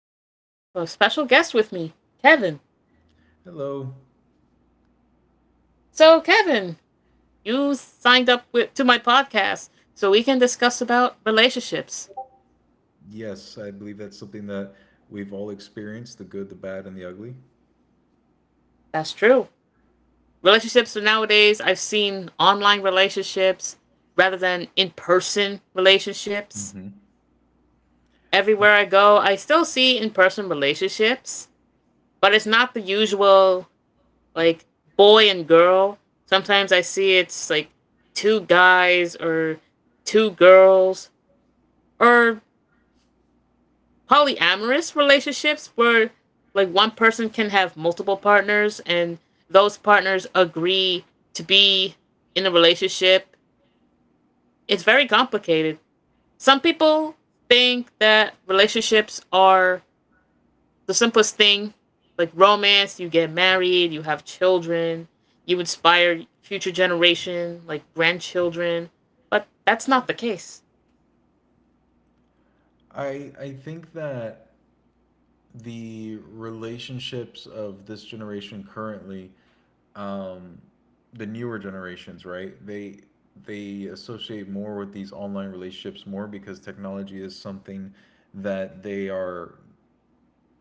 and I have a special guest with me, Kevin. Hello. So, Kevin, you signed up to my podcast so we can discuss about relationships. Yes, I believe that's something that we've all experienced, the good, the bad, and the ugly. That's true. Relationships are nowadays, I've seen online relationships rather than in person relationships. hmm Everywhere I go, I still see in person relationships, but it's not the usual like boy and girl. Sometimes I see it's like two guys or two girls or polyamorous relationships where like one person can have multiple partners and those partners agree to be in a relationship. It's very complicated. Some people think that relationships are the simplest thing like romance, you get married, you have children, you inspire future generation, like grandchildren, but that's not the case. I think that the relationships of this generation currently, the newer generations, right? They associate more with these online relationships more because technology is something that they are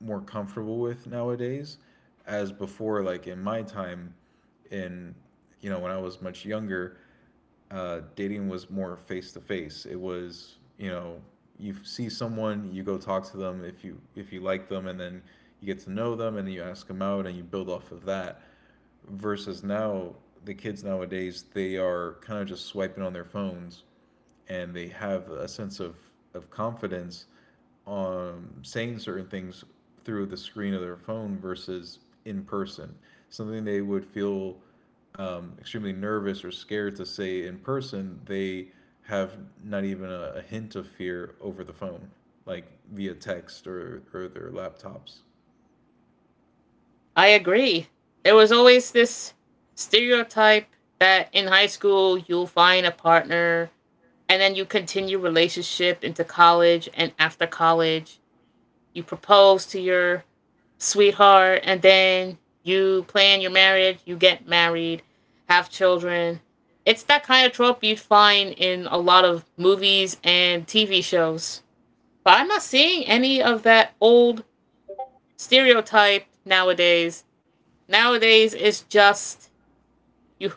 more comfortable with nowadays as before, like in my time in, when I was much younger, dating was more face to face. It was, you know, you see someone, you go talk to them if you like them, and then you get to know them, and then you ask them out and you build off of that, versus now. The kids nowadays, they are kind of just swiping on their phones, and they have a sense of confidence, saying certain things through the screen of their phone versus in person. Something they would feel extremely nervous or scared to say in person, they have not even a hint of fear over the phone, like via text, or their laptops. I agree. There was always this stereotype that in high school you'll find a partner and then you continue relationship into college and after college you propose to your sweetheart, and then you plan your marriage, you get married, have children. It's that kind of trope you'd find in a lot of movies and TV shows. But I'm not seeing any of that old stereotype nowadays. Nowadays, it's just you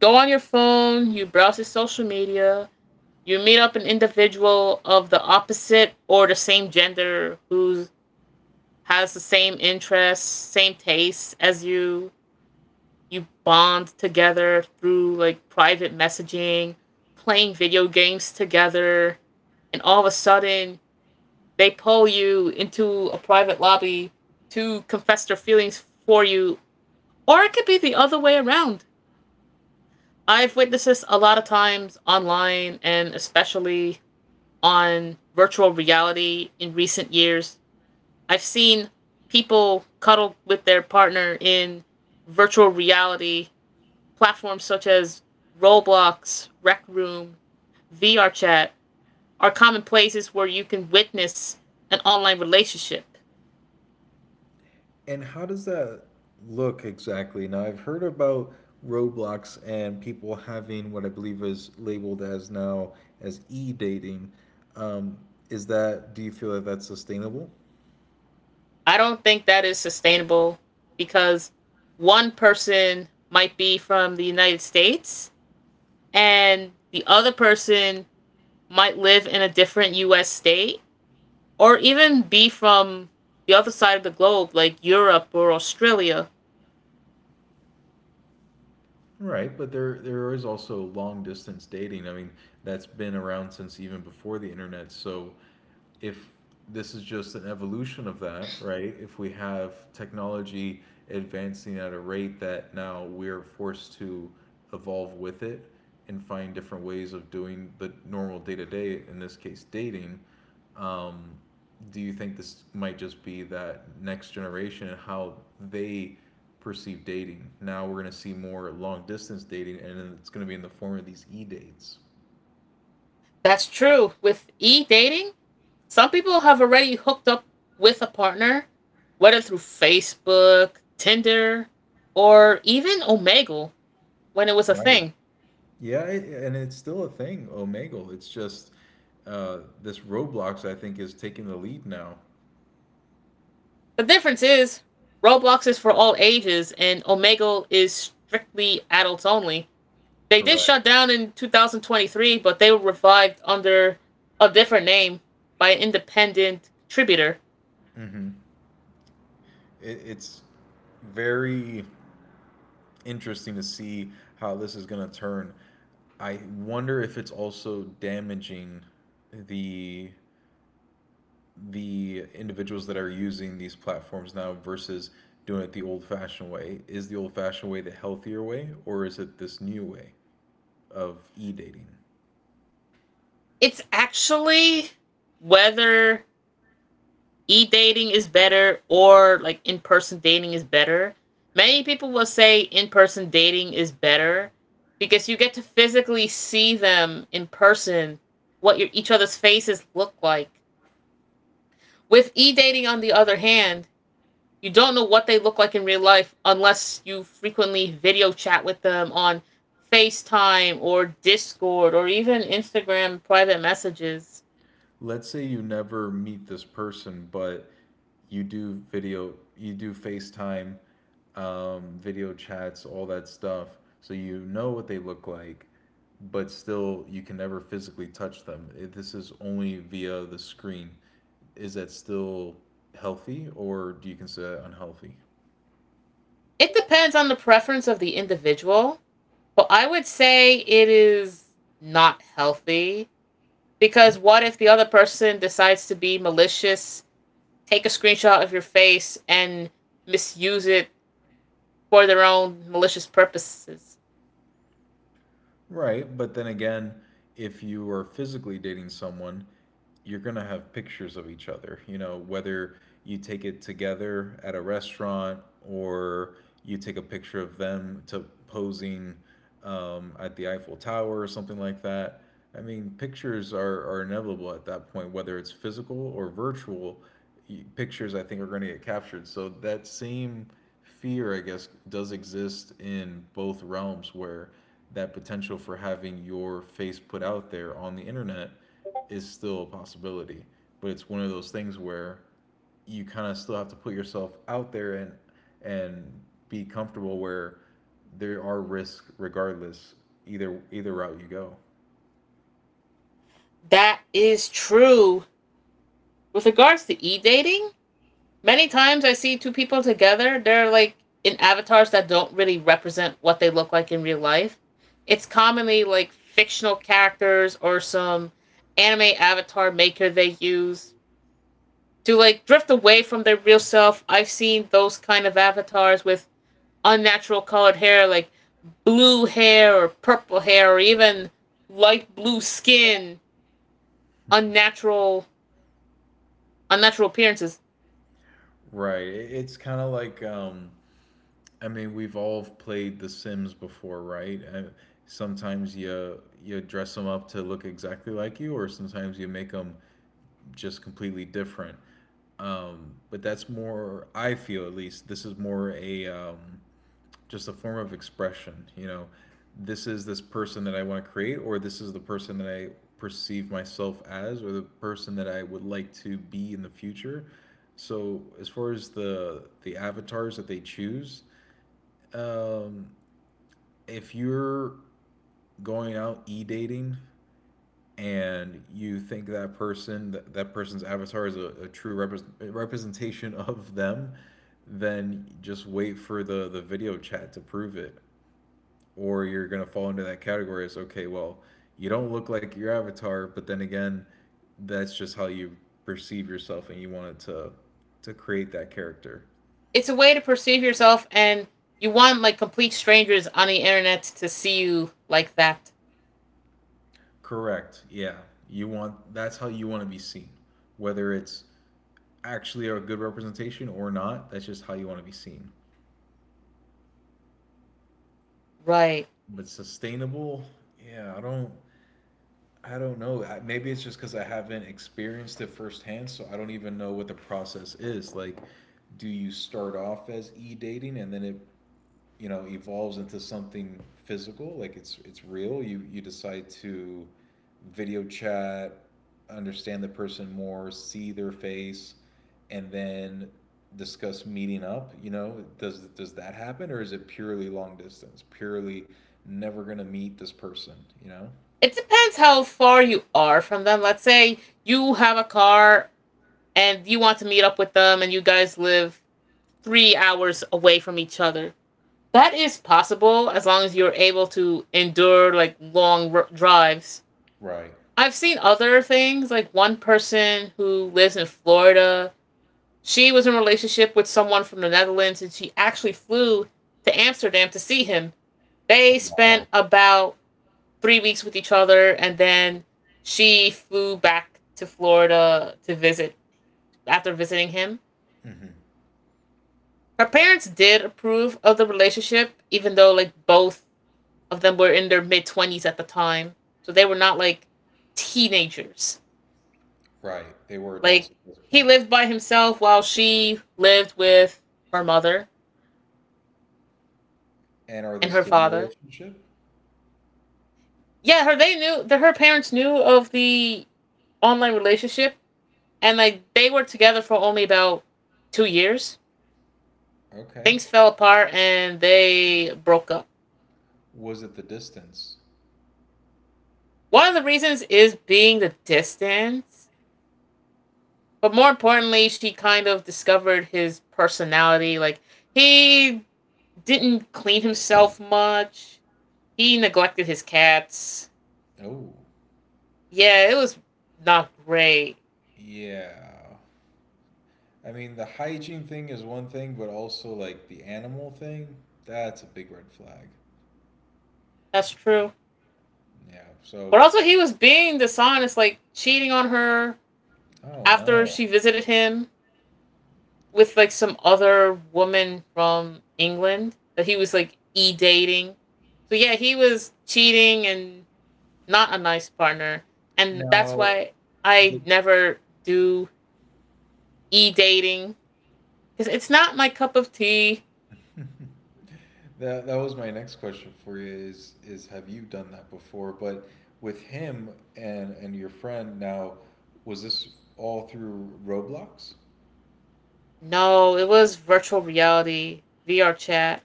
go on your phone, you browse your social media, you meet up an individual of the opposite or the same gender who has the same interests, same tastes as you, you bond together through like private messaging, playing video games together, and all of a sudden they pull you into a private lobby to confess their feelings for you, or it could be the other way around. I've witnessed this a lot of times online and especially on virtual reality in recent years. I've seen people cuddle with their partner in virtual reality. Platforms such as Roblox, Rec Room, VRChat are common places where you can witness an online relationship. And how does that look exactly? Now, I've heard about Roblox and people having what I believe is labeled as now as e-dating. Um, is that, do you feel that that's sustainable? I don't think that is sustainable because one person might be from the United States and the other person might live in a different US state or even be from the other side of the globe, like Europe or Australia. Right, but there is also long distance dating. I mean, that's been around since even before the internet. So if this is just an evolution of that, right? If we have technology advancing at a rate that now we're forced to evolve with it and find different ways of doing the normal day to day, in this case dating, um, do you think this might just be that next generation and how they perceive dating? Now we're going to see more long distance dating, and then it's going to be in the form of these e dates. That's true. With e dating, some people have already hooked up with a partner, whether through Facebook, Tinder, or even Omegle when it was a Right. thing. Yeah, it, and it's still a thing, Omegle. It's just this Roblox, I think, is taking the lead now. The difference is Roblox is for all ages and Omegle is strictly adults only. They did Correct. shut down in 2023, but they were revived under a different name by an independent contributor. hmm it's very interesting to see how this is going to turn. I wonder if it's also damaging the the individuals that are using these platforms now versus doing it the old-fashioned way. Is the old-fashioned way the healthier way, or is it this new way of e-dating? It's actually whether e dating is better or like in person dating is better. Many people will say in person dating is better because you get to physically see them in person, what each other's faces look like. With e dating, on the other hand, you don't know what they look like in real life unless you frequently video chat with them on FaceTime or Discord or even Instagram private messages. Let's say you never meet this person, but you do video, you do FaceTime, video chats, all that stuff. So you know what they look like, but still you can never physically touch them. If this is only via the screen. Is that still healthy, or do you consider that unhealthy? It depends on the preference of the individual. But I would say it is not healthy because what if the other person decides to be malicious, take a screenshot of your face, and misuse it for their own malicious purposes? Right, but then again, if you are physically dating someone, you're going to have pictures of each other, you know, whether you take it together at a restaurant or you take a picture of them to posing at the Eiffel Tower or something like that. I mean, pictures are inevitable at that point, whether it's physical or virtual. Pictures, I think, are going to get captured. So that same fear, I guess, does exist in both realms where that potential for having your face put out there on the internet is still a possibility. But it's one of those things where you kind of still have to put yourself out there and be comfortable where there are risks regardless either route you go. That is true. With regards to e dating, many times I see two people together, they're like in avatars that don't really represent what they look like in real life. It's commonly like fictional characters or some anime avatar maker they use to like drift away from their real self. I've seen those kind of avatars with unnatural colored hair, like blue hair or purple hair, or even light blue skin, unnatural, unnatural appearances. Right. It's kind of like, I mean, we've all played The Sims before, right? Sometimes you dress them up to look exactly like you, or sometimes you make them just completely different. But that's more, I feel at least, this is more a just a form of expression. You know, this is this person that I want to create, or this is the person that I perceive myself as, or the person that I would like to be in the future. So as far as the avatars that they choose, um if you're going out e dating and you think that person that person's avatar is a true representation of them, then just wait for the video chat to prove it, or you're gonna fall into that category as okay, well, you don't look like your avatar, but then again, that's just how you perceive yourself, and you wanted to create that character. It's a way to perceive yourself, and you want like complete strangers on the internet to see you like that, Correct. Yeah. You want, that's how you want to be seen. Whether it's actually are a good representation or not. That's just how you want to be seen. right? But sustainable, yeah, I don't know. Maybe it's just because I haven't experienced it firsthand, so I don't even know what the process is. Like, do you start off as e dating and then it, evolves into something physical, like it's real, you decide to video chat, understand the person more, see their face, and then discuss meeting up. Does that happen, or is it purely long distance, purely never gonna meet this person, you know It depends how far you are from them. Let's say you have a car and you want to meet up with them, and you guys live 3 hours away from each other. That is possible as long as you're able to endure like long drives. right. I've seen other things, like one person who lives in Florida. She was in a relationship with someone from the Netherlands and she actually flew to Amsterdam to see him. Oh, They spent wow. about 3 weeks with each other and then she flew back to Florida to visit after visiting him. hmm Her parents did approve of the relationship, even though like both of them were in their mid 20s at the time. So they were not like teenagers. right, they were adults Like at this he point. lived by himself while she lived with her mother And are they and her still in a father. relationship? Yeah, her they knew that her parents knew of the online relationship and like they were together for only about 2 years. Okay. Things fell apart and they broke up. Was it the distance? One of the reasons is being the distance, but more importantly, she kind of discovered his personality like he didn't clean himself much. He neglected his cats. Oh. Yeah, it was not great. Yeah. I mean, the hygiene thing is one thing, but also like the animal thing, that's a big red flag. That's true. Yeah. But So, also, he was being dishonest, like cheating on her oh after no. she visited him with like some other woman from England that he was like e dating. So, yeah, he was cheating and not a nice partner. And that's Now, why I the, never do e dating because it's not my cup of tea. that that was my next question for you, is have you done that before? But with him and your friend now, was this all through Roblox? No, it was virtual reality, VR chat,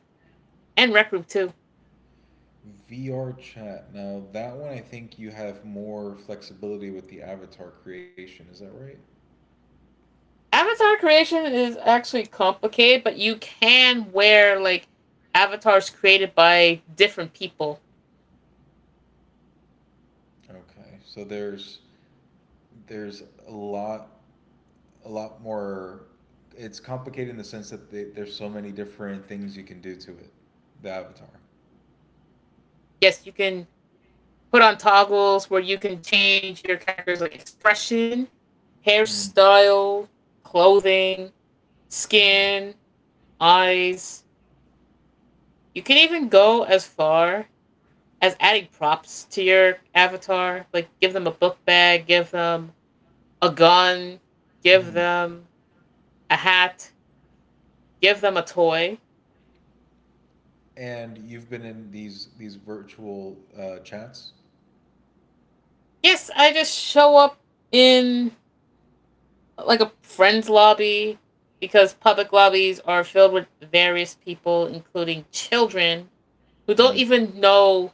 and Rec Room too. VR chat. Now, that one I think you have more flexibility with the avatar creation, is that right? Avatar creation is actually complicated, but you can wear like avatars created by different people. Okay. So there's a lot, more. It's complicated in the sense that there's so many different things you can do to it, the avatar. Yes, you can put on toggles where you can change your character's like expression, Mm, hairstyle, clothing, mm, skin, eyes. You can even go as far as adding props to your avatar, like give them a book bag, give them a gun, give mm. them a hat, give them a toy. And you've been in these virtual, chats? Yes, I just show up in like a friend's lobby because public lobbies are filled with various people, including children who don't Mm. even know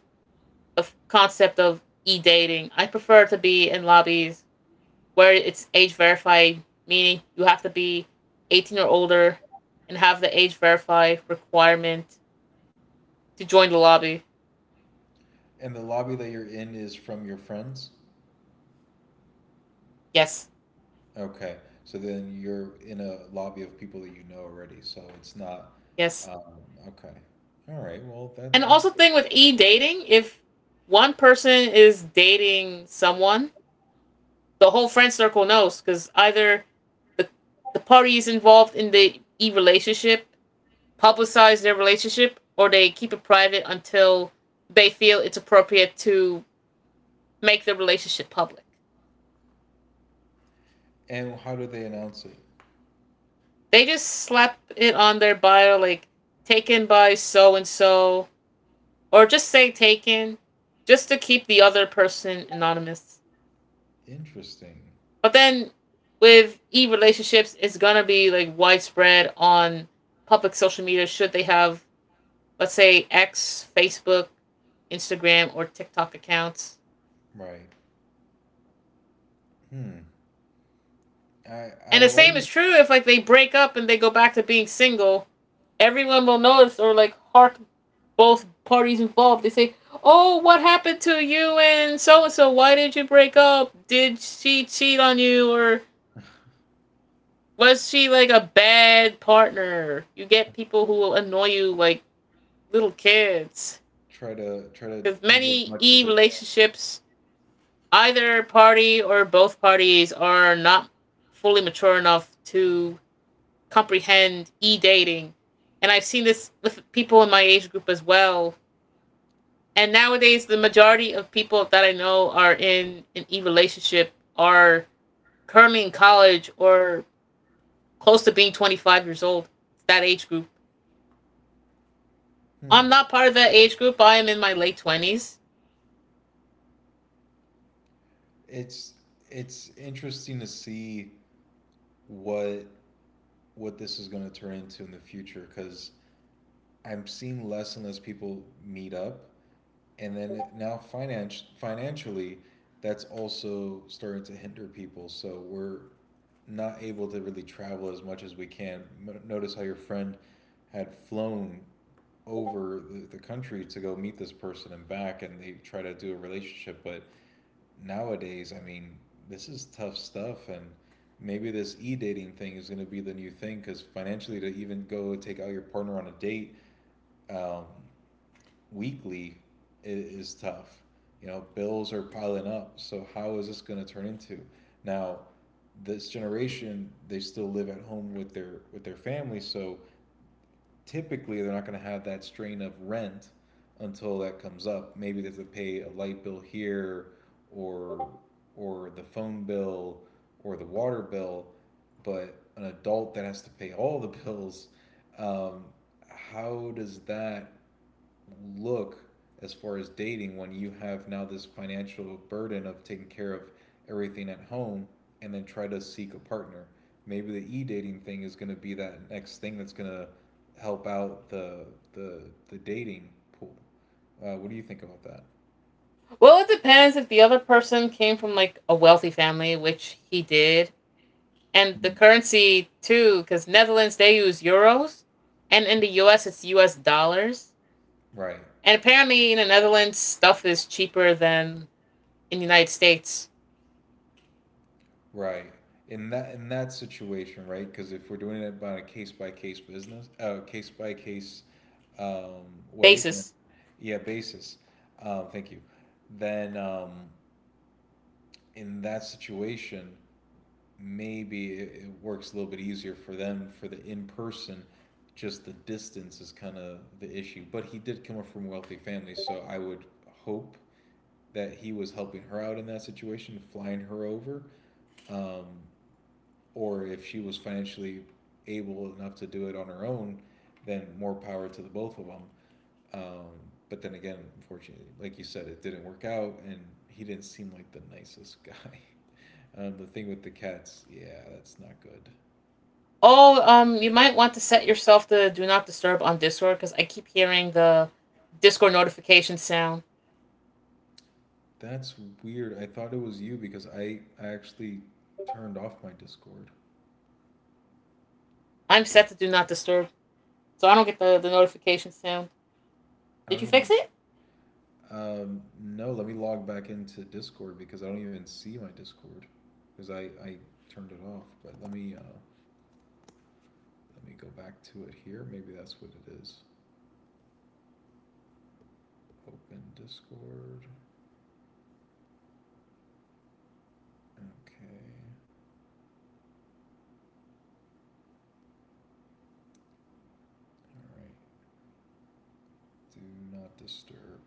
the concept of e dating. I prefer to be in lobbies where it's age verified, meaning you have to be 18 or older and have the age verified requirement to join the lobby. And the lobby that you're in is from your friends? Yes, Okay, so then you're in a lobby of people that you know already, so it's not, yes. um, okay, all right, well, that And that's also good. thing with e dating, if one person is dating someone, the whole friend circle knows because either the the parties involved in the e relationship publicize their relationship or they keep it private until they feel it's appropriate to make the relationship public. And how do they announce it? They just slap it on their bio like taken by so and so or just say taken just to keep the other person anonymous. Interesting. But then with e relationships, it's gonna be like widespread on public social media. Should they have, let's say, X, Facebook, Instagram, or TikTok accounts? Right. hmm I And the same is always true if like they break up and they go back to being single. Everyone will notice or like hark both parties involved. They say, "Oh, what happened to you and so and so? Why did you break up? Did she cheat on you or was she like a bad partner?" You get people who will annoy you like little kids. try to try to Because dig as many much E as I can. relationships, either party or both parties, are not fully mature enough to comprehend E dating. And I've seen this with people in my age group as well. And nowadays, the majority of people that I know are in an E relationship are currently in college or close to being 25 years old. It's that age group. Hmm. I'm not part of that age group. I am in my late 20s. It's it's interesting to see what what this is going to turn into in the future, because I'm seeing less and less people meet up, and then now finance financially, that's also starting to hinder people. So we're not able to really travel as much as we can. Notice how your friend had flown over the country to go meet this person and back, and they try to do a relationship. But nowadays, I mean, this is tough stuff, and maybe this e dating thing is going to be the new thing, because financially, to even go take out your partner on a date, um, weekly is tough. You know, bills are piling up. So how is this going to turn into? Now, this generation, they still live at home with their family, so typically they're not going to have that strain of rent until that comes up. Maybe they have to pay a light bill here or or the phone bill or the water bill, but an adult that has to pay all the bills, um, how does that look as far as dating when you have now this financial burden of taking care of everything at home and then try to seek a partner. Maybe the e dating thing is going to be that next thing that's going to help out the the dating pool. What do you think about that? Well, it depends if the other person came from like a wealthy family, which he did, and the currency too, because Netherlands they use euros, and in the U.S. it's U.S. dollars, Right. and apparently in the Netherlands stuff is cheaper than in the United States Right. In that situation, right? Because if we're doing it by a case by case case by case um, way, then- basis. yeah, basis. Thank you. Then, in that situation, maybe it works a little bit easier for them for the in person. Just the distance is kind of the issue. But he did come from a wealthy family, so I would hope that he was helping her out in that situation, flying her over. Um, or if she was financially able enough to do it on her own, then more power to the both of them. Um, but then again, unfortunately, like you said, it didn't work out, and he didn't seem like the nicest guy. The thing with the cats, yeah, that's not good. Oh, you might want to set yourself to do not disturb on Discord because I keep hearing the Discord notification sound. That's weird. I thought it was you because I actually turned off my Discord. I'm set to do not disturb, so I don't get the notification sound. I Did don't you fix even. it? No, let me log back into Discord because I don't even see my Discord because I turned it off. But let me. Let me go back to it here. Maybe that's what it is. Open Discord. Okay. All right. Do not disturb.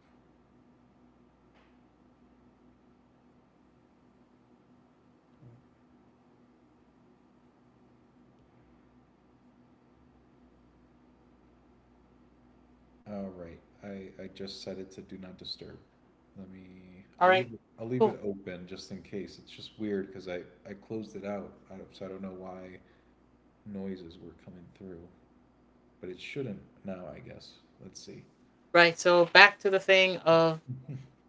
All right. I just set it to do not disturb. Let me. All I'll leave right, I'll leave it cool. open just in case. It's just weird because I closed it out, so I don't know why noises were coming through. But it shouldn't now, I guess. Let's see. Right. So back to the thing of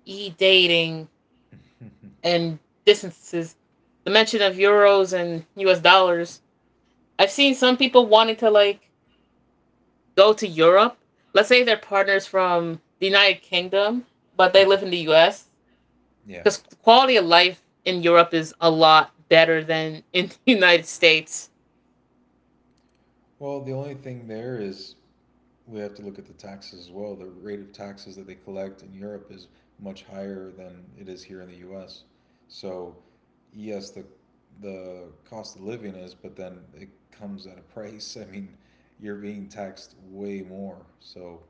e dating and distances. The mention of euros and US dollars. I've seen some people wanting to like go to Europe. Let's say their partners from the United Kingdom, but they live in the US. Yeah. Because the quality of life in Europe is a lot better than in the United States. Well, the only thing there is we have to look at the taxes as well. The rate of taxes that they collect in Europe is much higher than it is here in the U.S. So yes, the cost of living is, but then it comes at a price. I mean, you're being taxed way more. So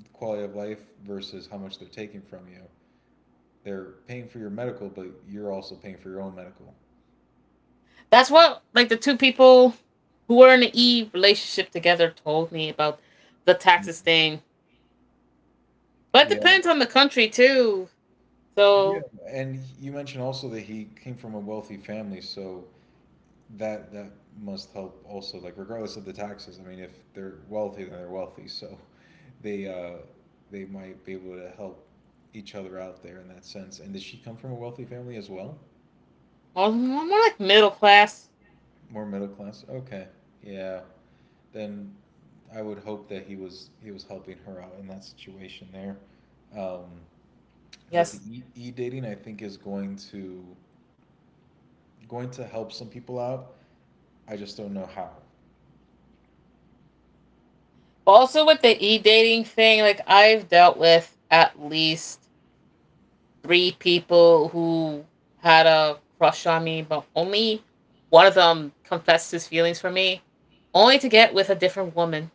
the quality of life versus how much they're taking from you. They're paying for your medical, but you're also paying for your own medical. That's what like the two people who were in an E relationship together told me about the taxes thing. But it Yeah. depends on the country too. Yeah. So And you mentioned also that he came from a wealthy family, so that must help also, like, regardless of the taxes. I mean, if they're wealthy, then they're wealthy, so they uh they might be able to help each other out there in that sense. And did she come from a wealthy family as well? More like middle class. More middle class, okay. Yeah. Then I would hope that he was helping her out in that situation there. um but the Yes. E-dating, I think, is going to help some people out. I just don't know how Also with the e dating thing, like I've dealt with at least 3 people who had a crush on me, but only one of them confessed his feelings for me, only to get with a different woman.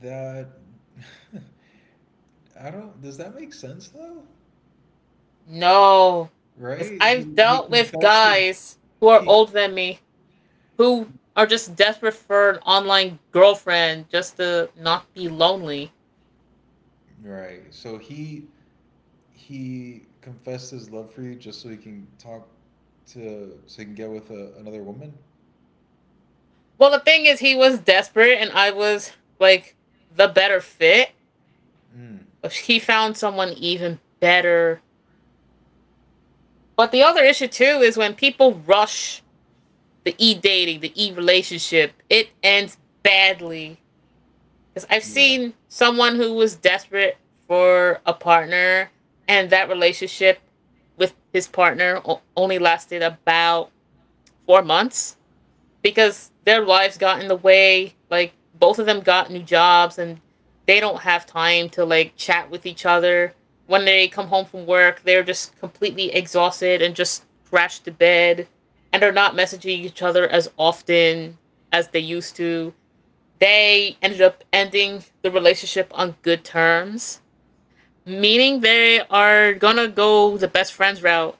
that. I don't. Does that make sense though? No, because Right? He I've he dealt with confessed. To, guys who are he older than me who are just desperate for an online girlfriend just to not be lonely. right. So he confessed his love for you just so he can talk to so he can get with a, another woman. Well, the thing is, he was desperate, and I was like the better fit. Mm. But he found someone even better. But the other issue too is when people rush the e dating, the e relationship, it ends badly. Because I've Yeah. seen someone who was desperate for a partner, and that relationship with his partner only lasted about 4 months, because their lives got in the way. Both of them got new jobs and they don't have time to chat with each other. When they come home from work, they're just completely exhausted and just crashed to bed and are not messaging each other as often as they used to. They ended up ending the relationship on good terms, meaning they are gonna go the best friends route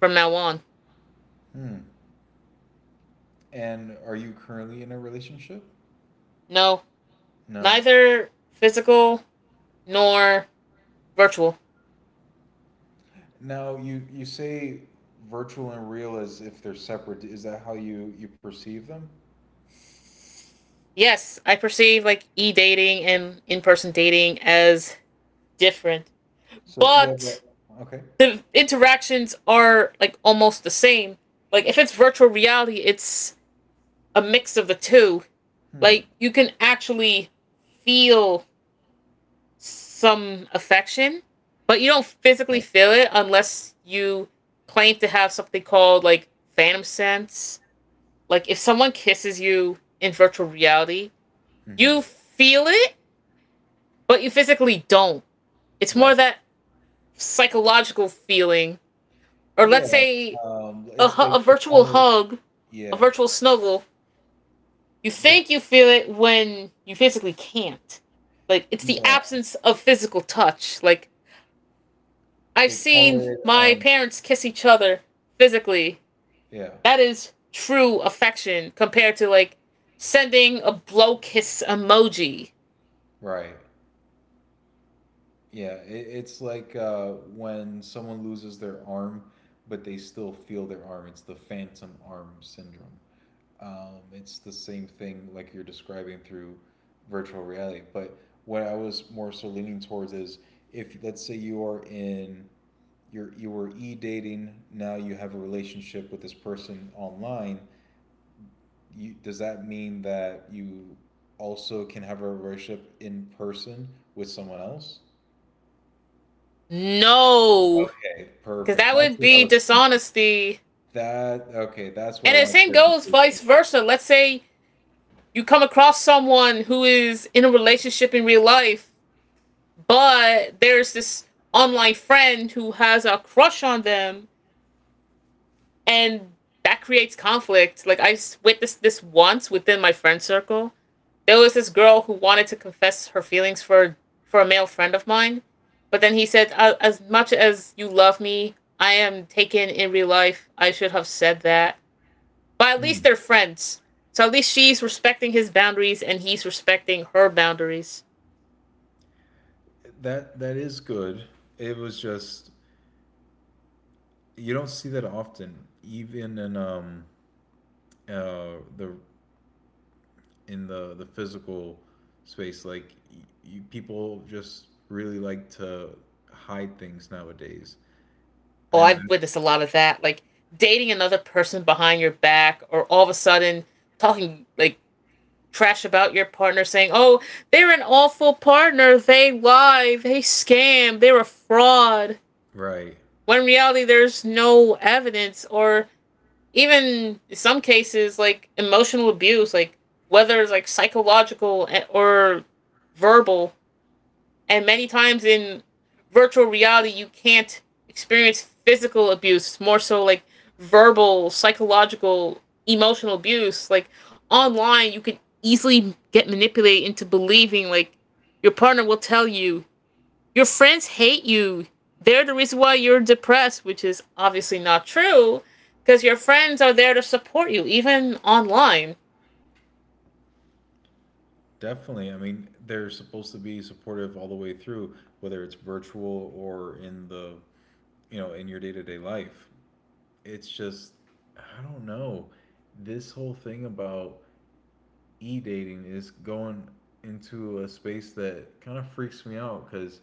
from now on. Hmm. And are you currently in a relationship? No, No. neither physical nor virtual. Now you say virtual and real as if they're separate. Is that how you perceive them? Yes, I perceive e dating and in person dating as different, So if you have but a, okay. the interactions are almost the same. Like if it's virtual reality, it's a mix of the two. Hmm. Like you can actually feel some affection, but you don't Okay. physically feel it unless you claim to have something called phantom sense. Like if someone kisses you in virtual reality, Hmm. you feel it but you physically don't. It's Right. more that psychological feeling, or Yeah. let's say It's a they virtual call it. hug, a Yeah. virtual snuggle. You they think you feel it when you physically can't. Like, it's the Yeah, absence of physical touch. Like, I've they call seen it. my parents kiss each other physically. Yeah. That is true affection compared to, like, sending a blow kiss emoji. Right. Yeah, it's like when someone loses their arm but they still feel their arm. It's the phantom arm syndrome. It's the same thing like you're describing through virtual reality. But what I was more so leaning towards is, if let's say you are in, you were e-dating, now you have a relationship with this person online. Does that mean that you also can have a worship in person with someone else? No, Okay, because perfect. that That's would what I be was thinking. dishonesty. That, okay, that's what And I the wanted same goes vice clarification. versa. Let's say you come across someone who is in a relationship in real life, but there's this online friend who has a crush on them, and that creates conflict. Like I witnessed this once within my friend circle. There was this girl who wanted to confess her feelings for a male friend of mine, but then he said, "As much as you love me, I am taken in real life. I should have said that." But at least Mm. they're friends. So at least she's respecting his boundaries and he's respecting her boundaries. That, that is good. It was just, you don't see that often, even in the, in the physical space. People just really like to hide things nowadays. Oh, And I, I've witnessed a lot of that. Like dating another person behind your back or all of a sudden talking like trash about your partner saying, "Oh, they're an awful partner. They lie, they scam, they're a fraud." right. When in reality there's no evidence, or even in some cases like emotional abuse, like whether it's like psychological, eh, or verbal. And many times in virtual reality, you can't experience physical abuse. It's more so like verbal, psychological, emotional abuse. Like online, you can easily get manipulated into believing like your partner will tell you your friends hate you. They're the reason why you're depressed, which is obviously not true because your friends are there to support you even online. Definitely. I mean, they're supposed to be supportive all the way through, whether it's virtual or in the, you know, in your day to day life. It's just, I don't know. This whole thing about e dating is going into a space that kind of freaks me out, because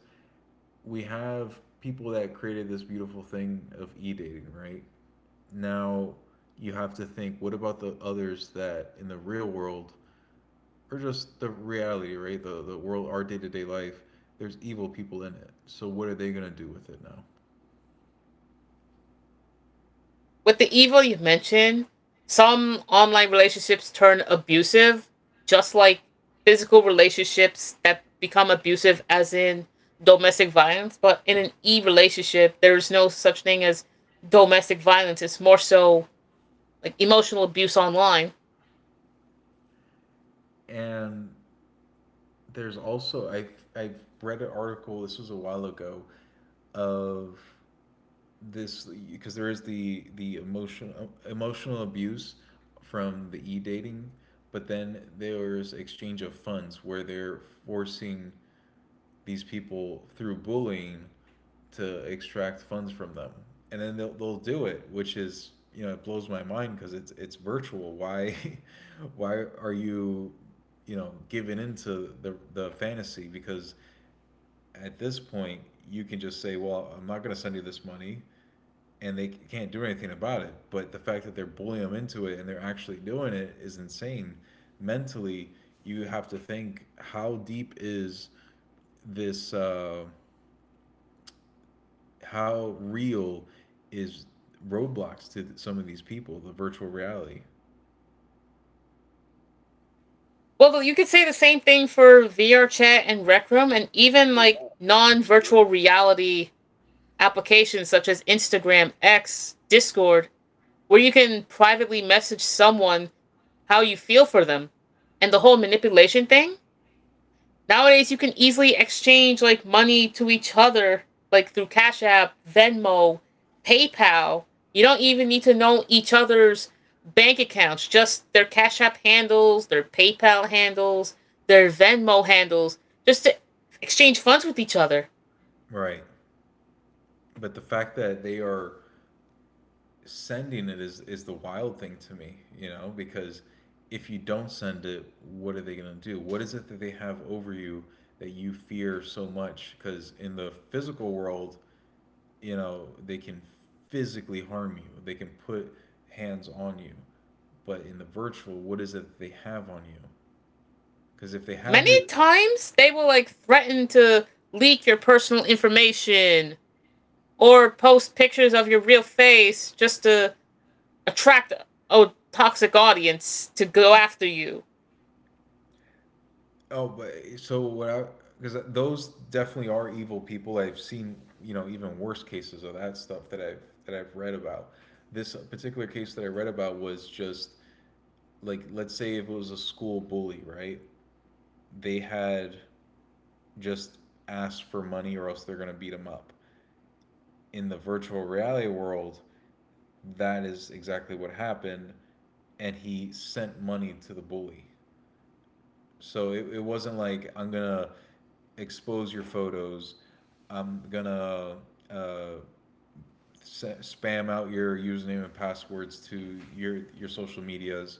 we have people that created this beautiful thing of e dating, right? Now you have to think, what about the others that in the real world, or just the reality, right? The world, our day to day life. There's evil people in it. So what are they gonna do with it now? With the evil you have mentioned, some online relationships turn abusive, just like physical relationships that become abusive, as in domestic violence. But in an e relationship, there is no such thing as domestic violence. It's more so like emotional abuse online. And there's also I've read an article. This was a while ago, of this, because there is the emotional abuse from the e dating, but then there's exchange of funds where they're forcing these people through bullying to extract funds from them, and then they'll do it, which is, you know, it blows my mind because it's virtual. Why why are you, you know, giving into the fantasy? Because at this point you can just say, well, I'm not going to send you this money. And they can't do anything about it. But the fact that they're bullying them into it and they're actually doing it is insane. Mentally, you have to think, how deep is this how real is roadblocks to some of these people, the virtual reality. Well, you could say the same thing for VR chat and Rec Room, and even like For non sure. virtual reality applications such as Instagram, X, Discord, where you can privately message someone how you feel for them and the whole manipulation thing. Nowadays, you can easily exchange like money to each other, like through Cash App, Venmo, PayPal. You don't even need to know each other's bank accounts, just their Cash App handles, their PayPal handles, their Venmo handles, just to exchange funds with each other. Right, but the fact that they are sending it is the wild thing to me, you know, because if you don't send it, what are they going to do? What is it that they have over you that you fear so much? Because in the physical world, you know, they can physically harm you, they can put hands on you. But in the virtual, what is it that they have on you? Because if they have Many your. times they will like threaten to leak your personal information or post pictures of your real face just to attract a toxic audience to go after you. Oh, but so what I because those definitely are evil people. I've seen, you know, even worse cases of that stuff that I've read about. This particular case that I read about was just like, let's say if it was a school bully, right? They had just asked for money or else they're gonna beat them up. In the virtual reality world, that is exactly what happened, and he sent money to the bully. So it wasn't like, I'm gonna expose your photos. I'm gonna uh, spam out your username and passwords to your social medias.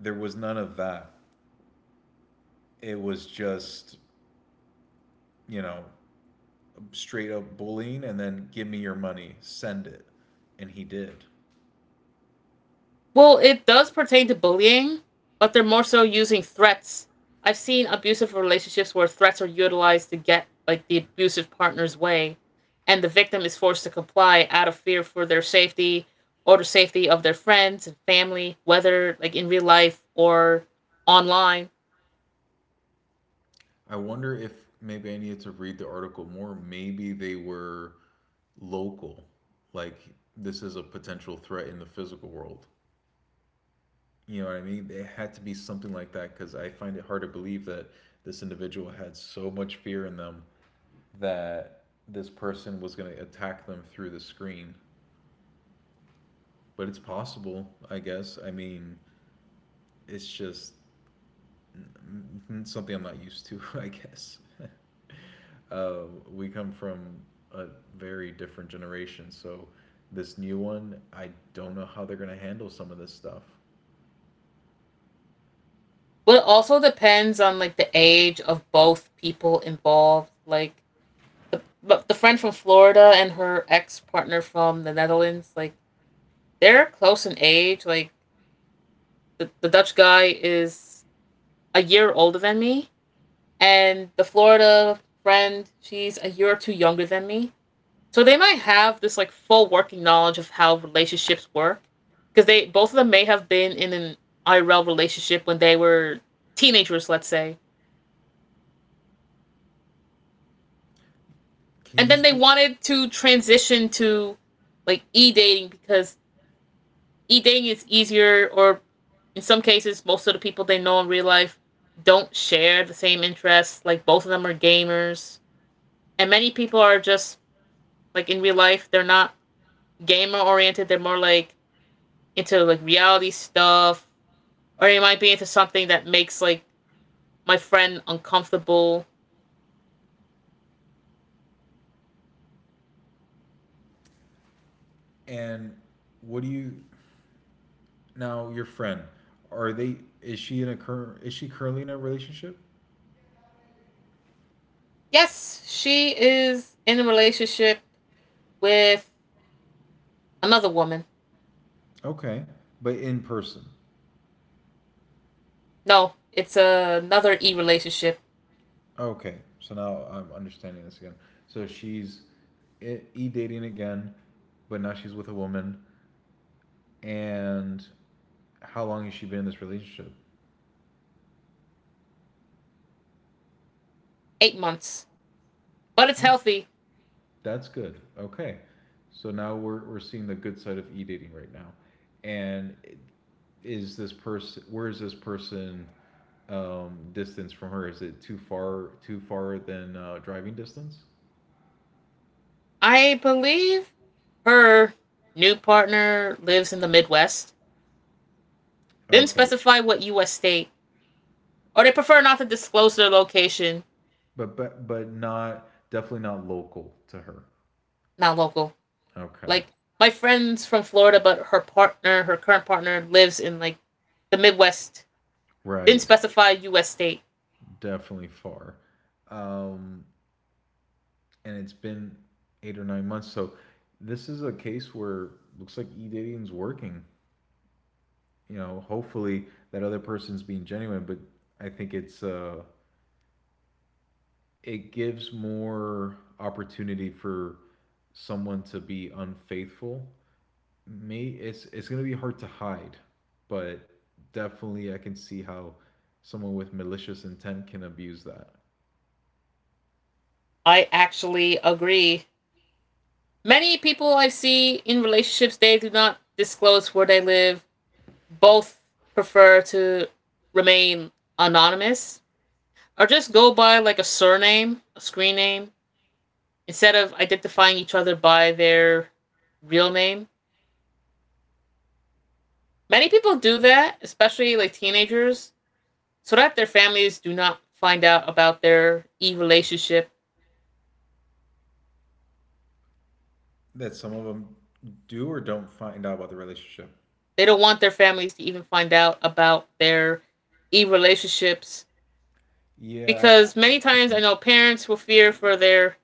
There was none of that. It was just, you know, straight up bullying and then, give me your money, send it, and he did. Well, it does pertain to bullying, but they're more so using threats. I've seen abusive relationships where threats are utilized to get like the abusive partner's way, and the victim is forced to comply out of fear for their safety or the safety of their friends and family, whether like in real life or online. I wonder if maybe I needed to read the article more. Maybe they were local, like, this is a potential threat in the physical world. You know what I mean? It had to be something like that, because I find it hard to believe that this individual had so much fear in them that this person was going to attack them through the screen. But it's possible, I guess. I mean, it's just something I'm not used to, I guess. uh, we come from a very different generation, so this new one, I don't know how they're going to handle some of this stuff. But it also depends on like the age of both people involved. Like the friend from Florida and her ex partner from the Netherlands, like they're close in age. Like the Dutch guy is a year older than me, and the Florida friend, she's a year or two younger than me. So they might have this like full working knowledge of how relationships work, because they both of them may have been in an IRL relationship when they were teenagers, let's say, Can and you then they see? wanted to transition to like e dating because e dating is easier, or in some cases, most of the people they know in real life don't share the same interests. Like both of them are gamers, and many people are just like in real life they're not gamer oriented. They're more like into like reality stuff, or they might be into something that makes like my friend uncomfortable. And what do you Now, your friend, are they? Is she in a cur? Is she currently in a relationship? Yes, she is in a relationship with another woman. Okay, but in person. No, it's another e relationship. Okay, so now I'm understanding this again. So she's e dating again, but now she's with a woman. And how long has she been in this relationship? 8 months, but it's healthy. That's good. Okay. So now we're seeing the good side of e-dating right now. And is this person, where is this person distance from her? Is it too far, than driving distance? I believe her new partner lives in the Midwest. Didn't Okay. specify what U.S. state, or they prefer not to disclose their location. But but not, definitely not local to her. Not local. Okay. Like my friend's from Florida, but her partner, her current partner, lives in like the Midwest. Didn't Right. specify U.S. state. Definitely far. Um and it's been 8 or 9 months. So this is a case where looks like e-dating's working. You know, hopefully that other person's being genuine, but I think it's it gives more opportunity for someone to be unfaithful. Me, it's going to be hard to hide, but definitely I can see how someone with malicious intent can abuse that. I actually agree. Many people I see in relationships, they do not disclose where they live. Both prefer to remain anonymous or just go by like a surname, a screen name, instead of identifying each other by their real name. Many people do that, especially like teenagers, so that their families do not find out about their e relationship. That some of them do or don't find out about the relationship. They don't want their families to even find out about their e relationships Yeah. because many times I know parents will fear for their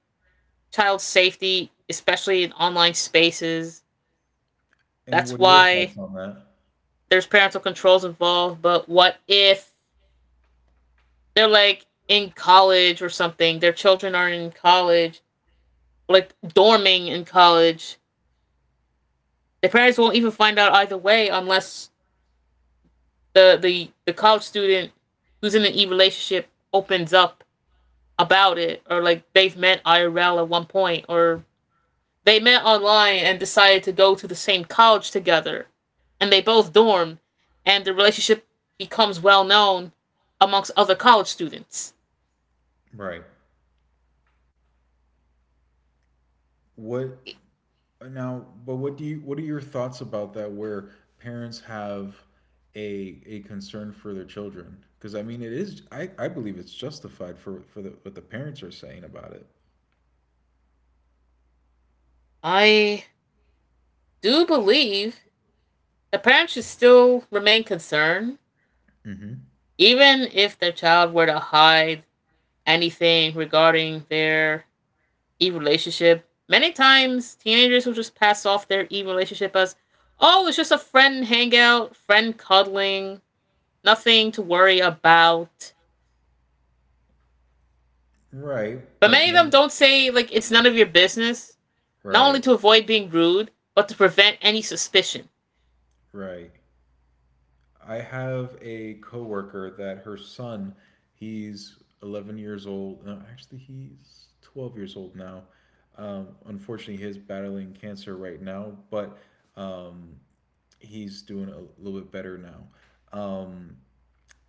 child's safety, especially in online spaces. And That's what are your why thoughts on that? there's parental controls involved, but what if they're like in college or something. Their children are in college, like dorming in college. Their parents won't even find out either way unless the college student who's in an e relationship opens up about it, or like they've met IRL at one point, or they met online and decided to go to the same college together and they both dorm and the relationship becomes well known amongst other college students. Right. what Now, but what are your thoughts about that, where parents have a concern for their children? Because, I mean, it is, I believe it's justified for the, what the parents are saying about it. I do believe the parents should still remain concerned, Hmm. even if their child were to hide anything regarding their evil relationship. Many times, teenagers will just pass off their evil relationship as, oh, it's just a friend hangout, friend cuddling, nothing to worry about. Right, But but many of them then, don't say, like, it's none of your business, not only right. to avoid being rude, but to prevent any suspicion. Right. I have a coworker that her son, he's 11 years old. No, actually, he's 12 years old now. Unfortunately, he's battling cancer right now, but um, he's doing a little bit better now.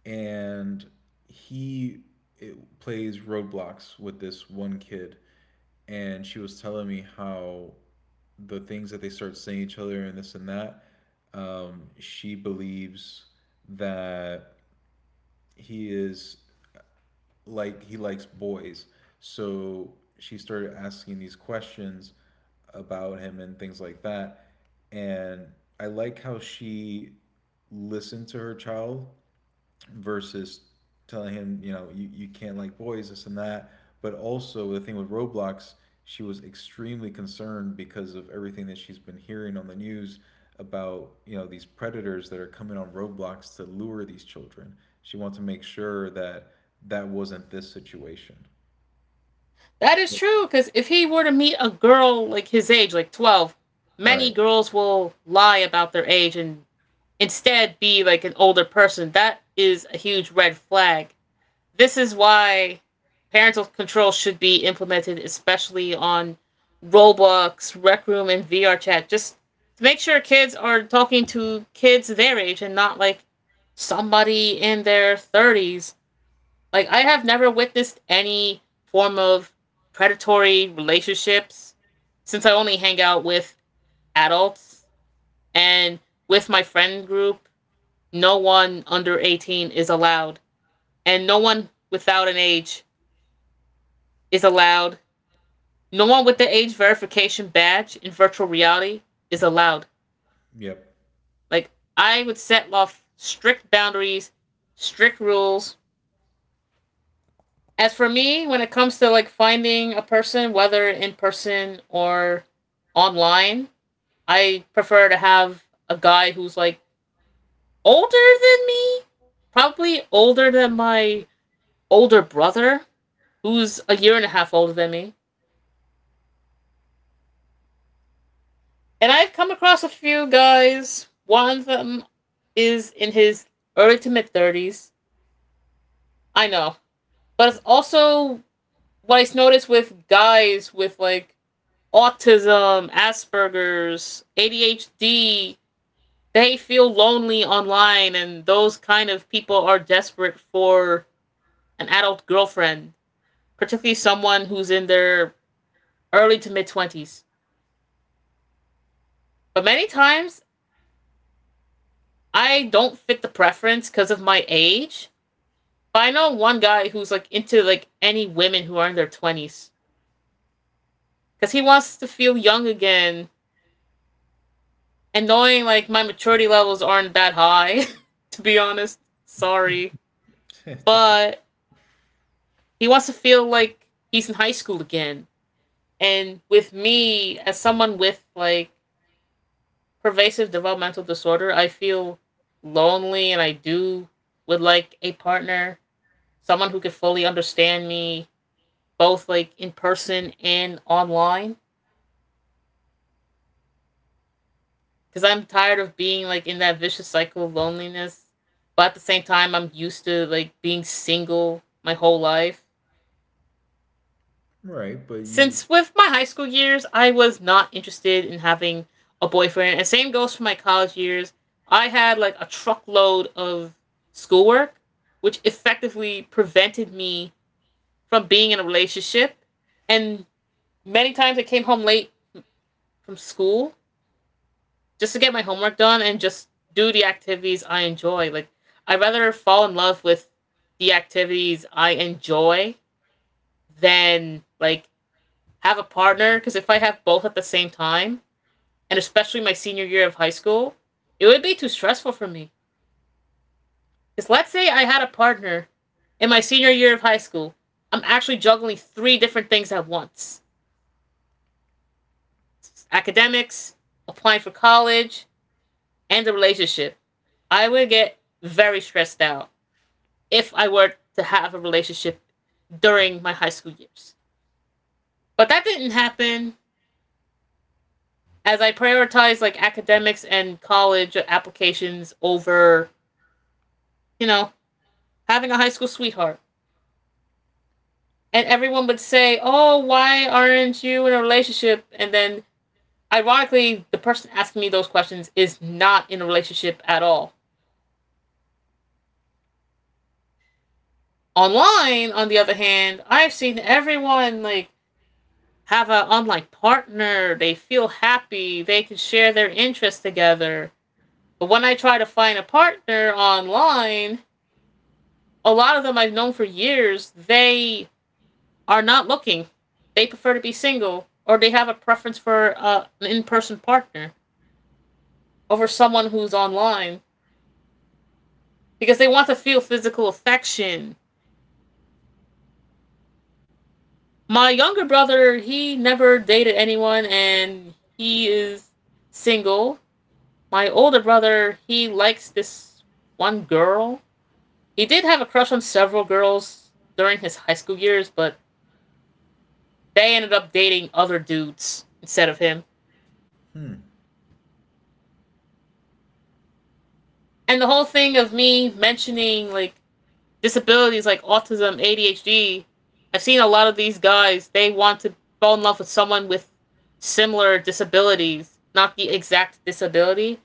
And he, it, plays roadblocks with this one kid, and she was telling me how the things that they start saying each other and this and that. She believes that he is, like, he likes boys. So she started asking these questions about him and things like that. And I like how she listened to her child versus telling him, you know, you can't like boys, this and that. But also the thing with Roblox, she was extremely concerned because of everything that she's been hearing on the news about, you know, these predators that are coming on Roblox to lure these children. She wants to make sure that that wasn't this situation. That is So, true, because if he were to meet a girl like his age, like 12, right. many girls will lie about their age and instead be like an older person. That is a huge red flag. This is why parental control should be implemented, especially on Roblox, Rec Room, and VR Chat, just to make sure kids are talking to kids their age and not like somebody in their 30s. Like I have never witnessed any form of predatory relationships since I only hang out with adults, and with my friend group, no one under 18 is allowed and no one without an age is allowed. No one with the age verification badge in virtual reality is allowed. Yep. Like I would set off strict boundaries, strict rules. As for me, when it comes to like finding a person, whether in person or online, I prefer to have a guy who's like older than me, probably older than my older brother, who's a year and a half older than me. And I've come across a few guys. One of them is in his early to mid 30s. I know. But it's also what I have noticed with guys with like autism, Asperger's, ADHD, they feel lonely online, and those kind of people are desperate for an adult girlfriend, particularly someone who's in their early to mid 20s. But many times, I don't fit the preference because of my age. But I know one guy who's like into like any women who are in their 20s because he wants to feel young again. And knowing like my maturity levels aren't that high, to be honest, sorry. It's okay. But he wants to feel like he's in high school again. And with me, as someone with like pervasive developmental disorder, I feel lonely and I do would like a partner, someone who could fully understand me, both like in person and online. Because I'm tired of being like in that vicious cycle of loneliness. But at the same time, I'm used to like being single my whole life. Right, but you. Since with my high school years, I was not interested in having a boyfriend, and same goes for my college years. I had like a truckload of schoolwork, which effectively prevented me from being in a relationship. And many times I came home late from school just to get my homework done and just do the activities I enjoy. Like, I'd rather fall in love with the activities I enjoy than like have a partner, because if I have both at the same time, and especially my senior year of high school, it would be too stressful for me. Because let's say I had a partner in my senior year of high school, I'm actually juggling three different things at once: academics, applying for college, and the relationship. I would get very stressed out if I were to have a relationship during my high school years. But that didn't happen, as I prioritized like academics and college applications over, you know, having a high school sweetheart. And everyone would say, "Oh, why aren't you in a relationship?" And then, ironically, the person asking me those questions is not in a relationship at all. Online, on the other hand, I've seen everyone like have an online partner. They feel happy. They can share their interests together. But when I try to find a partner online, a lot of them I've known for years, they are not looking. They prefer to be single, or they have a preference for an in-person partner over someone who's online because they want to feel physical affection. My younger brother, he never dated anyone and he is single. My older brother, he likes this one girl. He did have a crush on several girls during his high school years, but they ended up dating other dudes instead of him. Hmm. And the whole thing of me mentioning, like, disabilities like autism, ADHD, I've seen a lot of these guys, they want to fall in love with someone with similar disabilities, not the exact disability.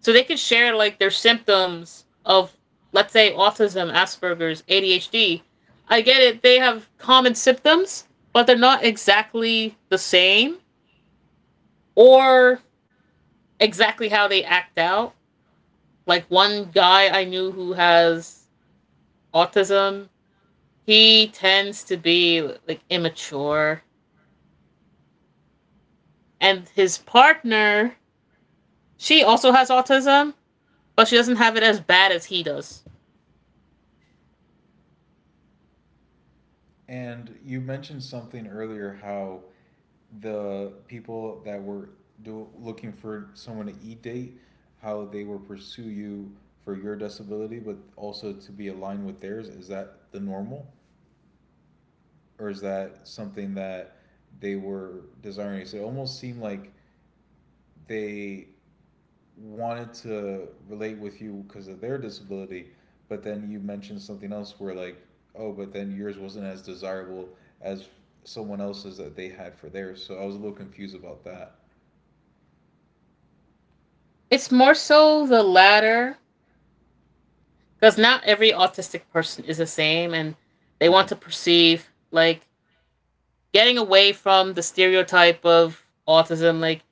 So they could share like their symptoms of, let's say, autism, Asperger's, ADHD. I get it, they have common symptoms, but they're not exactly the same, or exactly how they act out. Like, one guy I knew who has autism, he tends to be like immature, and his partner, she also has autism, but she doesn't have it as bad as he does. And you mentioned something earlier, how the people that were looking for someone to e date, how they will pursue you for your disability, but also to be aligned with theirs. Is that the normal, or is that something that they were desiring? So it almost seemed like they wanted to relate with you because of their disability, but then you mentioned something else where, like, oh, but then yours wasn't as desirable as someone else's that they had for theirs. So I was a little confused about that. It's more so the latter, because not every autistic person is the same, and they want Hmm. to perceive like getting away from the stereotype of autism, like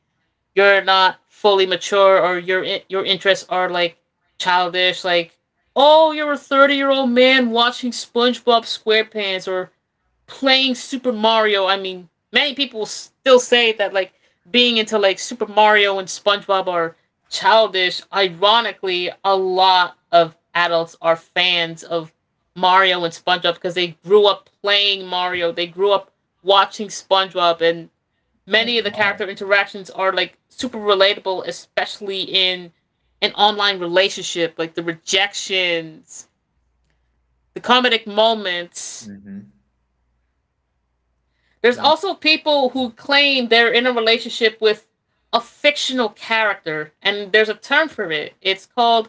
you're not fully mature, or your interests are like childish, like, oh, you're a 30-year-old man watching SpongeBob SquarePants or playing Super Mario. I mean, many people will still say that like being into like Super Mario and SpongeBob are childish. Ironically, a lot of adults are fans of Mario and SpongeBob because they grew up playing Mario. They grew up watching SpongeBob, and many As of the am I. character interactions are like super relatable, especially in an online relationship, like the rejections, the comedic moments. Mm-hmm. There's And that's. also people who claim they're in a relationship with a fictional character, and there's a term for it. It's called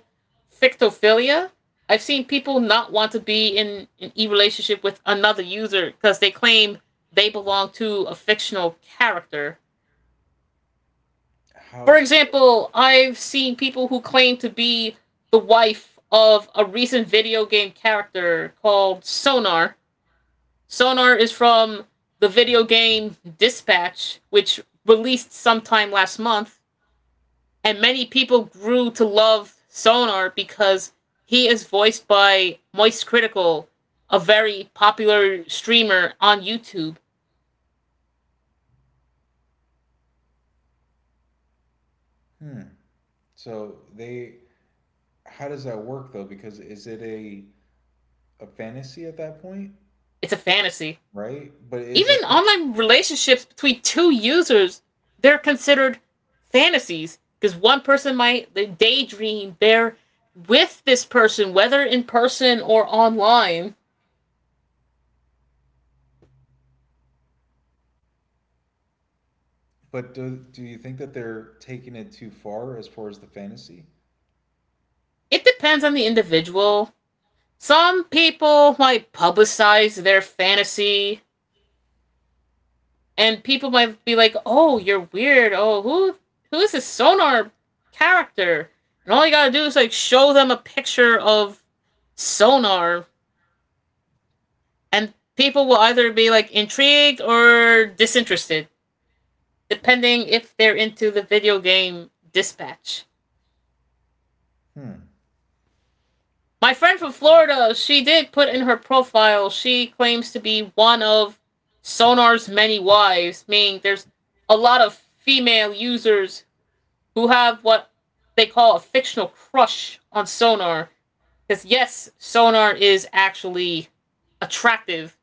fictophilia. I've seen people not want to be in an e relationship with another user because they claim they belong to a fictional character. How For so? example, I've seen people who claim to be the wife of a recent video game character called Sonar. Sonar is from the video game Dispatch, which released sometime last month, and many people grew to love Sonar because he is voiced by Moist Critical, a very popular streamer on YouTube. Hmm. So they, how does that work though? Because is it a fantasy at that point, It's a fantasy. right? But is Even a, online relationships between two users, they're considered fantasies because one person might daydream they're with this person, whether in person or online. but do do you think that they're taking it too far as the fantasy? It depends on the individual. Some people might publicize their fantasy, and people might be like, "Oh, you're weird. Oh, who is this Sonar character?" And all you gotta do is like show them a picture of Sonar, and people will either be like intrigued or disinterested, depending if they're into the video game Dispatch. Hmm. My friend from Florida, she did put in her profile, she claims to be one of Sonar's many wives, meaning there's a lot of female users who have what they call a fictional crush on Sonar. Because, yes, Sonar is actually attractive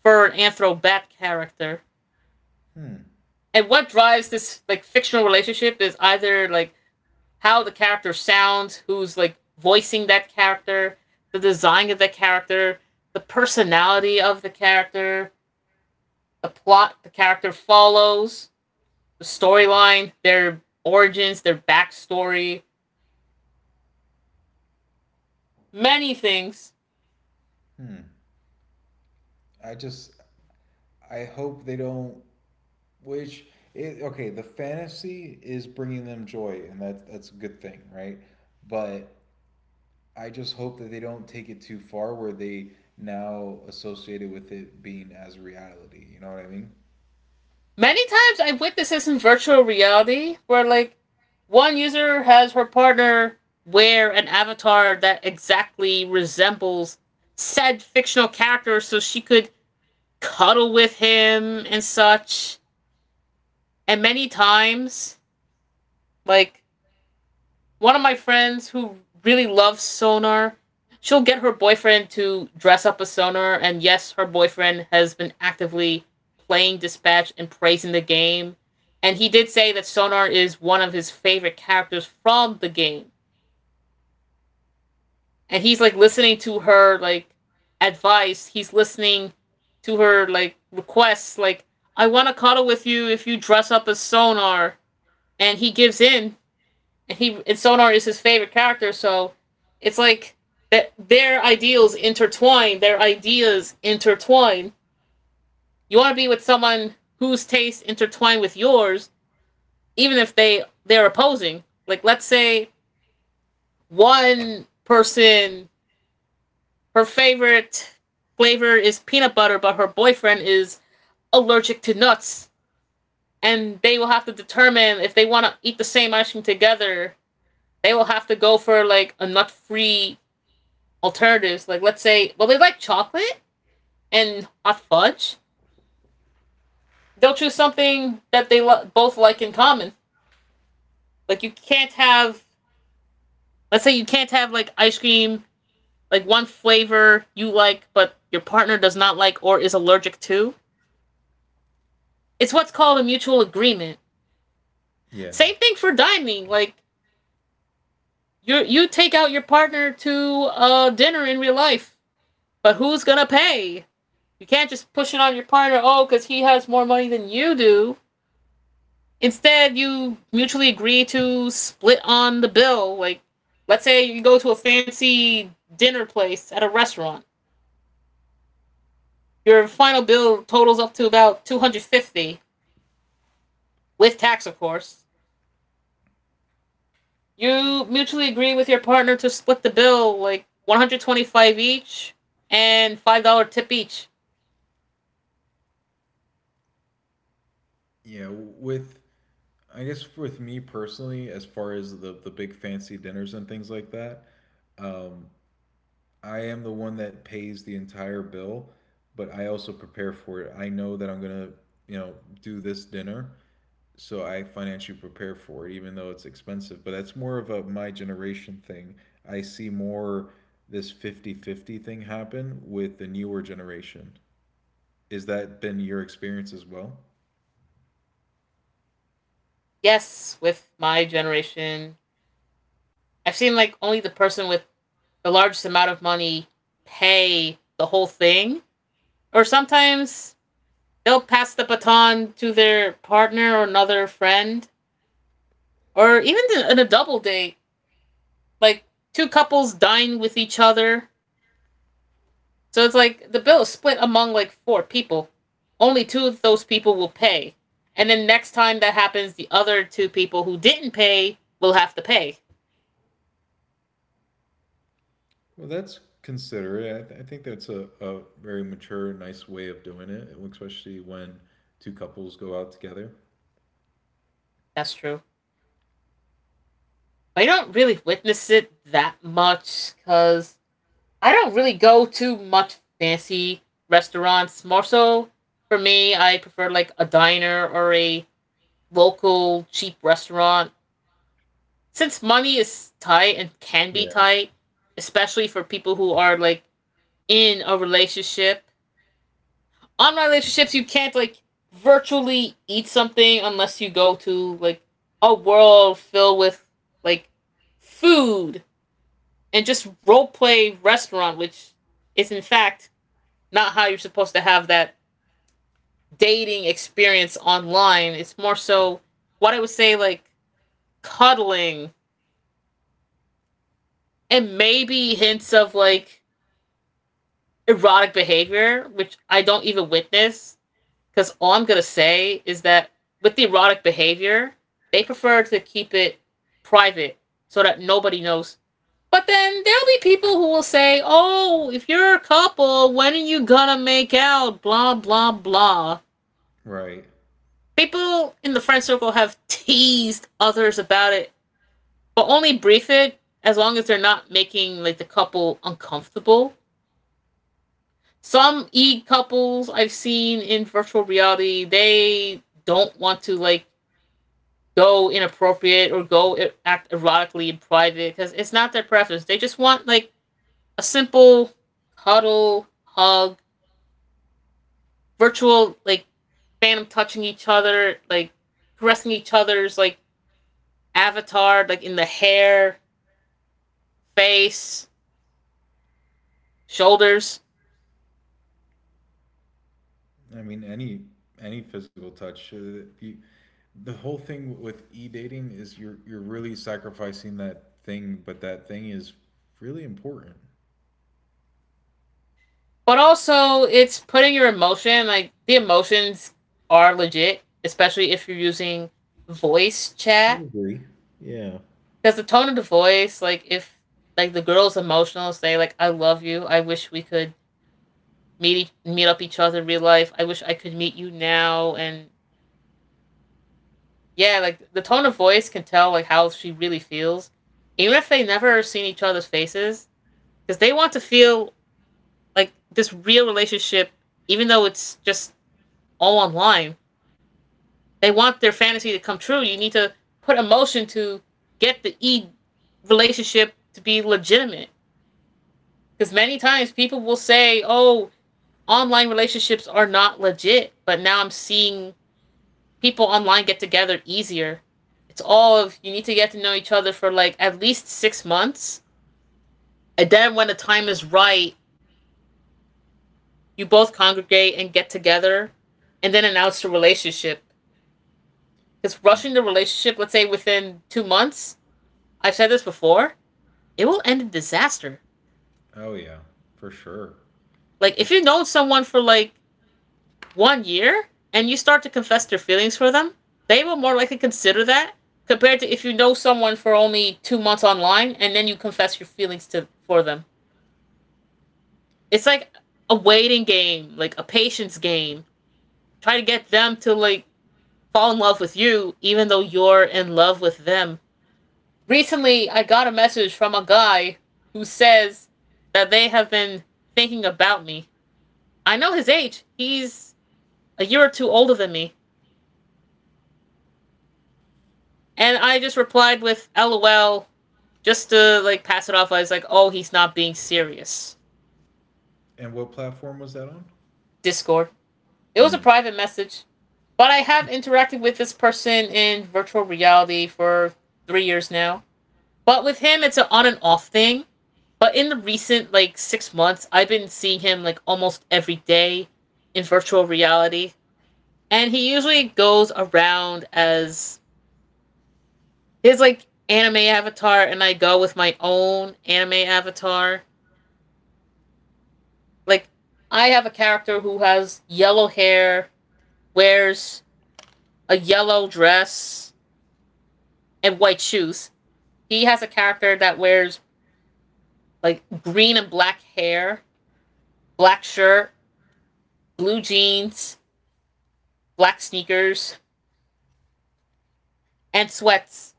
for an anthro bat character. Hmm. And what drives this like fictional relationship is either like how the character sounds, who's like voicing that character, the design of the character, the personality of the character, the plot the character follows, the storyline, their origins, their backstory, many things. I just I hope they don't. Which, it, okay, the fantasy is bringing them joy, and that, that's a good thing, right? But I just hope that they don't take it too far where they now associate it with it being as reality. You know what I mean? Many times I've witnessed this in virtual reality, where like one user has her partner wear an avatar that exactly resembles said fictional character so she could cuddle with him and such. And many times, like, one of my friends who really loves Sonar, she'll get her boyfriend to dress up as Sonar. And yes, her boyfriend has been actively playing Dispatch and praising the game. And he did say that Sonar is one of his favorite characters from the game. And he's like listening to her like advice. He's listening to her like requests, like, I want to cuddle with you if you dress up as Sonar. And he gives in. And he— and Sonar is his favorite character, so it's like that, their ideals intertwine, their ideas intertwine. You want to be with someone whose tastes intertwine with yours, even if they they're opposing. Like, let's say one person, her favorite flavor is peanut butter, but her boyfriend is allergic to nuts, and they will have to determine if they want to eat the same ice cream together. They will have to go for like a nut free alternatives. Like, let's say, well, they like chocolate and hot fudge. They'll choose something that they both like in common. Like, you can't have, let's say you can't have like ice cream, like one flavor you like, but your partner does not like or is allergic to. It's what's called a mutual agreement. Yeah. Same thing for dining. Like, you take out your partner to dinner in real life, but who's gonna pay? You can't just push it on your partner. Oh, because he has more money than you do. Instead, you mutually agree to split on the bill. Like, let's say you go to a fancy dinner place at a restaurant. Your final bill totals up to about 250 with tax, of course. You mutually agree with your partner to split the bill like 125 each and $5 tip each. Yeah. With, I guess, with me personally, as far as the big fancy dinners and things like that, um, I am the one that pays the entire bill, but I also prepare for it. I know that I'm going to, you know, do this dinner, so I financially prepare for it, even though it's expensive. But that's more of a my generation thing. I see more this 50-50 thing happen with the newer generation. Is that been your experience as well? Yes, with my generation, I've seen like only the person with the largest amount of money pay the whole thing. Or sometimes they'll pass the baton to their partner or another friend, or even in a double date, like two couples dine with each other. So it's like the bill is split among like four people. Only two of those people will pay. And then next time that happens, the other two people who didn't pay will have to pay. Well, that's considerate. I think that's a very mature, nice way of doing it, especially when two couples go out together. That's true. I don't really witness it that much because I don't really go to much fancy restaurants. More so, for me, I prefer like a diner or a local cheap restaurant. Since money is tight and can be Yeah. tight, especially for people who are like in a relationship, online relationships, you can't like virtually eat something unless you go to like a world filled with like food and just role play restaurant, which is in fact not how you're supposed to have that dating experience online. It's more so what I would say like cuddling and maybe hints of like erotic behavior, which I don't even witness. Because all I'm gonna say is that with the erotic behavior, they prefer to keep it private so that nobody knows. But then there'll be people who will say, "Oh, if you're a couple, when are you gonna make out?" Blah blah blah. Right. People in the friend circle have teased others about it, but only brief it as long as they're not making like the couple uncomfortable. Some e couples I've seen in virtual reality, they don't want to like go inappropriate or go act erotically in private because it's not their preference. They just want like a simple cuddle, hug, virtual like phantom touching each other, like caressing each other's like avatar, like in the hair, face, shoulders. I mean, any physical touch. The whole thing with e dating is you're really sacrificing that thing, but that thing is really important. But also, it's putting your emotion, like, the emotions are legit, especially if you're using voice I chat. agree. Yeah. Because the tone of the voice, like, if, like, the girl's emotional, say, like, I love you, I wish we could meet up each other in real life, I wish I could meet you now, and yeah, like, the tone of voice can tell, like, how she really feels. Even if they never seen each other's faces, because they want to feel, like, this real relationship, even though it's just all online, they want their fantasy to come true, you need to put emotion to get the e relationship to be legitimate. Because many times people will say, "Oh, online relationships are not legit," but now I'm seeing people online get together easier. It's all of you need to get to know each other for like at least 6 months, and then when the time is right, you both congregate and get together, and then announce the relationship. Because rushing the relationship, let's say within 2 months, I've said this before, it will end in disaster. Oh yeah, for sure. Like It. if you know someone for like one year and you start to confess their feelings for them, they will more likely consider that compared to if you know someone for only 2 months online and then you confess your feelings to for them. It's like a waiting game, like a patience game. Try to get them to like fall in love with you even though you're in love with them. Recently, I got a message from a guy who says that they have been thinking about me. I know his age. He's a year or two older than me. And I just replied with LOL just to like pass it off I was like, oh, he's not being serious. And what platform was that on? Discord. It was a Mm. private message, but I have interacted with this person in virtual reality for 3 years now. But with him, it's an on and off thing. But in the recent like 6 months, I've been seeing him like almost every day in virtual reality. And he usually goes around as his like anime avatar and I go with my own anime avatar. Like I have a character who has yellow hair, wears a yellow dress and white shoes. He has a character that wears like green and black hair, black shirt, blue jeans, black sneakers, and sweats.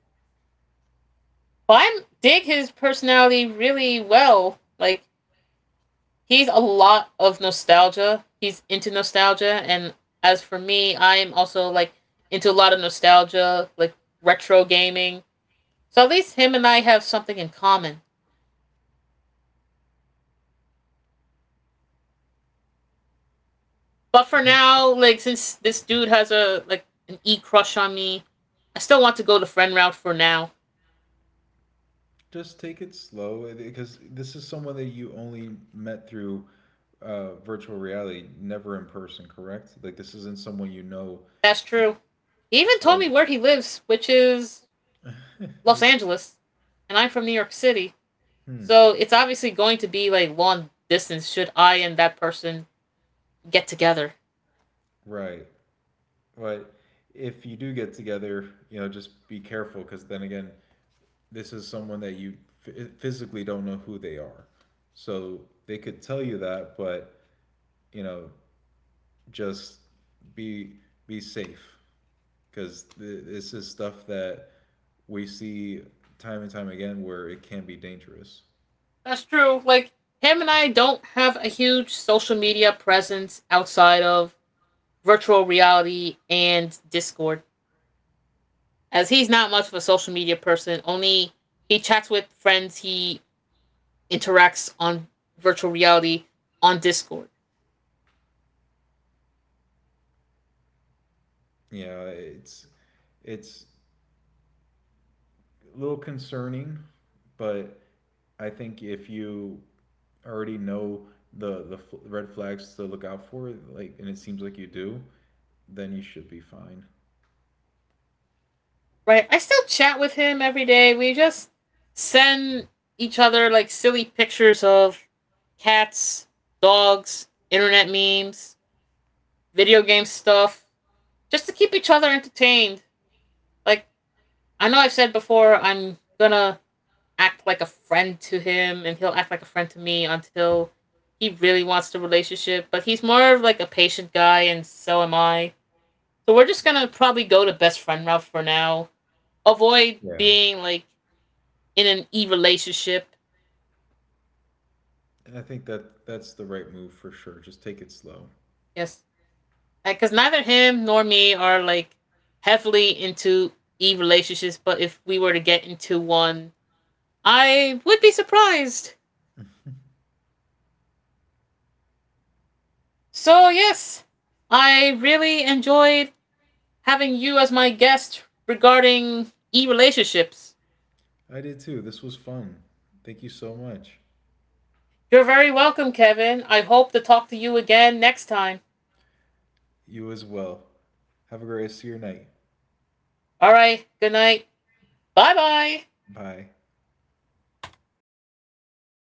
But I dig his personality really well. Like he's a lot of nostalgia. He's into nostalgia, and as for me, I'm also like into a lot of nostalgia, like retro gaming. So at least him and I have something in common. But for now, like since this dude has a like an e crush on me, I still want to go the friend route for now. Just take it slow, because this is someone that you only met through virtual reality, never in person. Correct? Like, this isn't someone you know. That's true. He even told me So where he lives, which is Los that's. Angeles, and I'm from New York City. Hmm, So it's obviously going to be like long distance should I and that person get together. right. But if you do get together, you know, just be careful, because then again, this is someone that you physically don't know who they are. So they could tell you that, but, you know, just be be safe, because this is stuff that we see time and time again where it can be dangerous. That's true. Like him and I don't have a huge social media presence outside of virtual reality and Discord. As he's not much of a social media person, only he chats with friends he interacts on virtual reality on Discord. You know, it's a little concerning, but I think if you already know the red flags to look out for, like, and it seems like you do, then you should be fine. Right? I still chat with him every day. We just send each other like silly pictures of cats, dogs, internet memes, video game stuff, just to keep each other entertained. Like I know I've said before I'm gonna act like a friend to him and he'll act like a friend to me until he really wants the relationship, but he's more of like a patient guy and so am I. So we're just gonna probably go to best friend route for now. Avoid Yeah. being like in an e relationship. And I think that that's the right move for sure. Just take it slow. Yes. Because neither him nor me are like heavily into e relationships, but if we were to get into one, I would be surprised. So, yes, I really enjoyed having you as my guest regarding e relationships. I did too. This was fun. Thank you so much. You're very welcome, Kevin. I hope to talk to you again next time. You as well. Have a great rest of your night. All right, good night. Bye bye. Bye.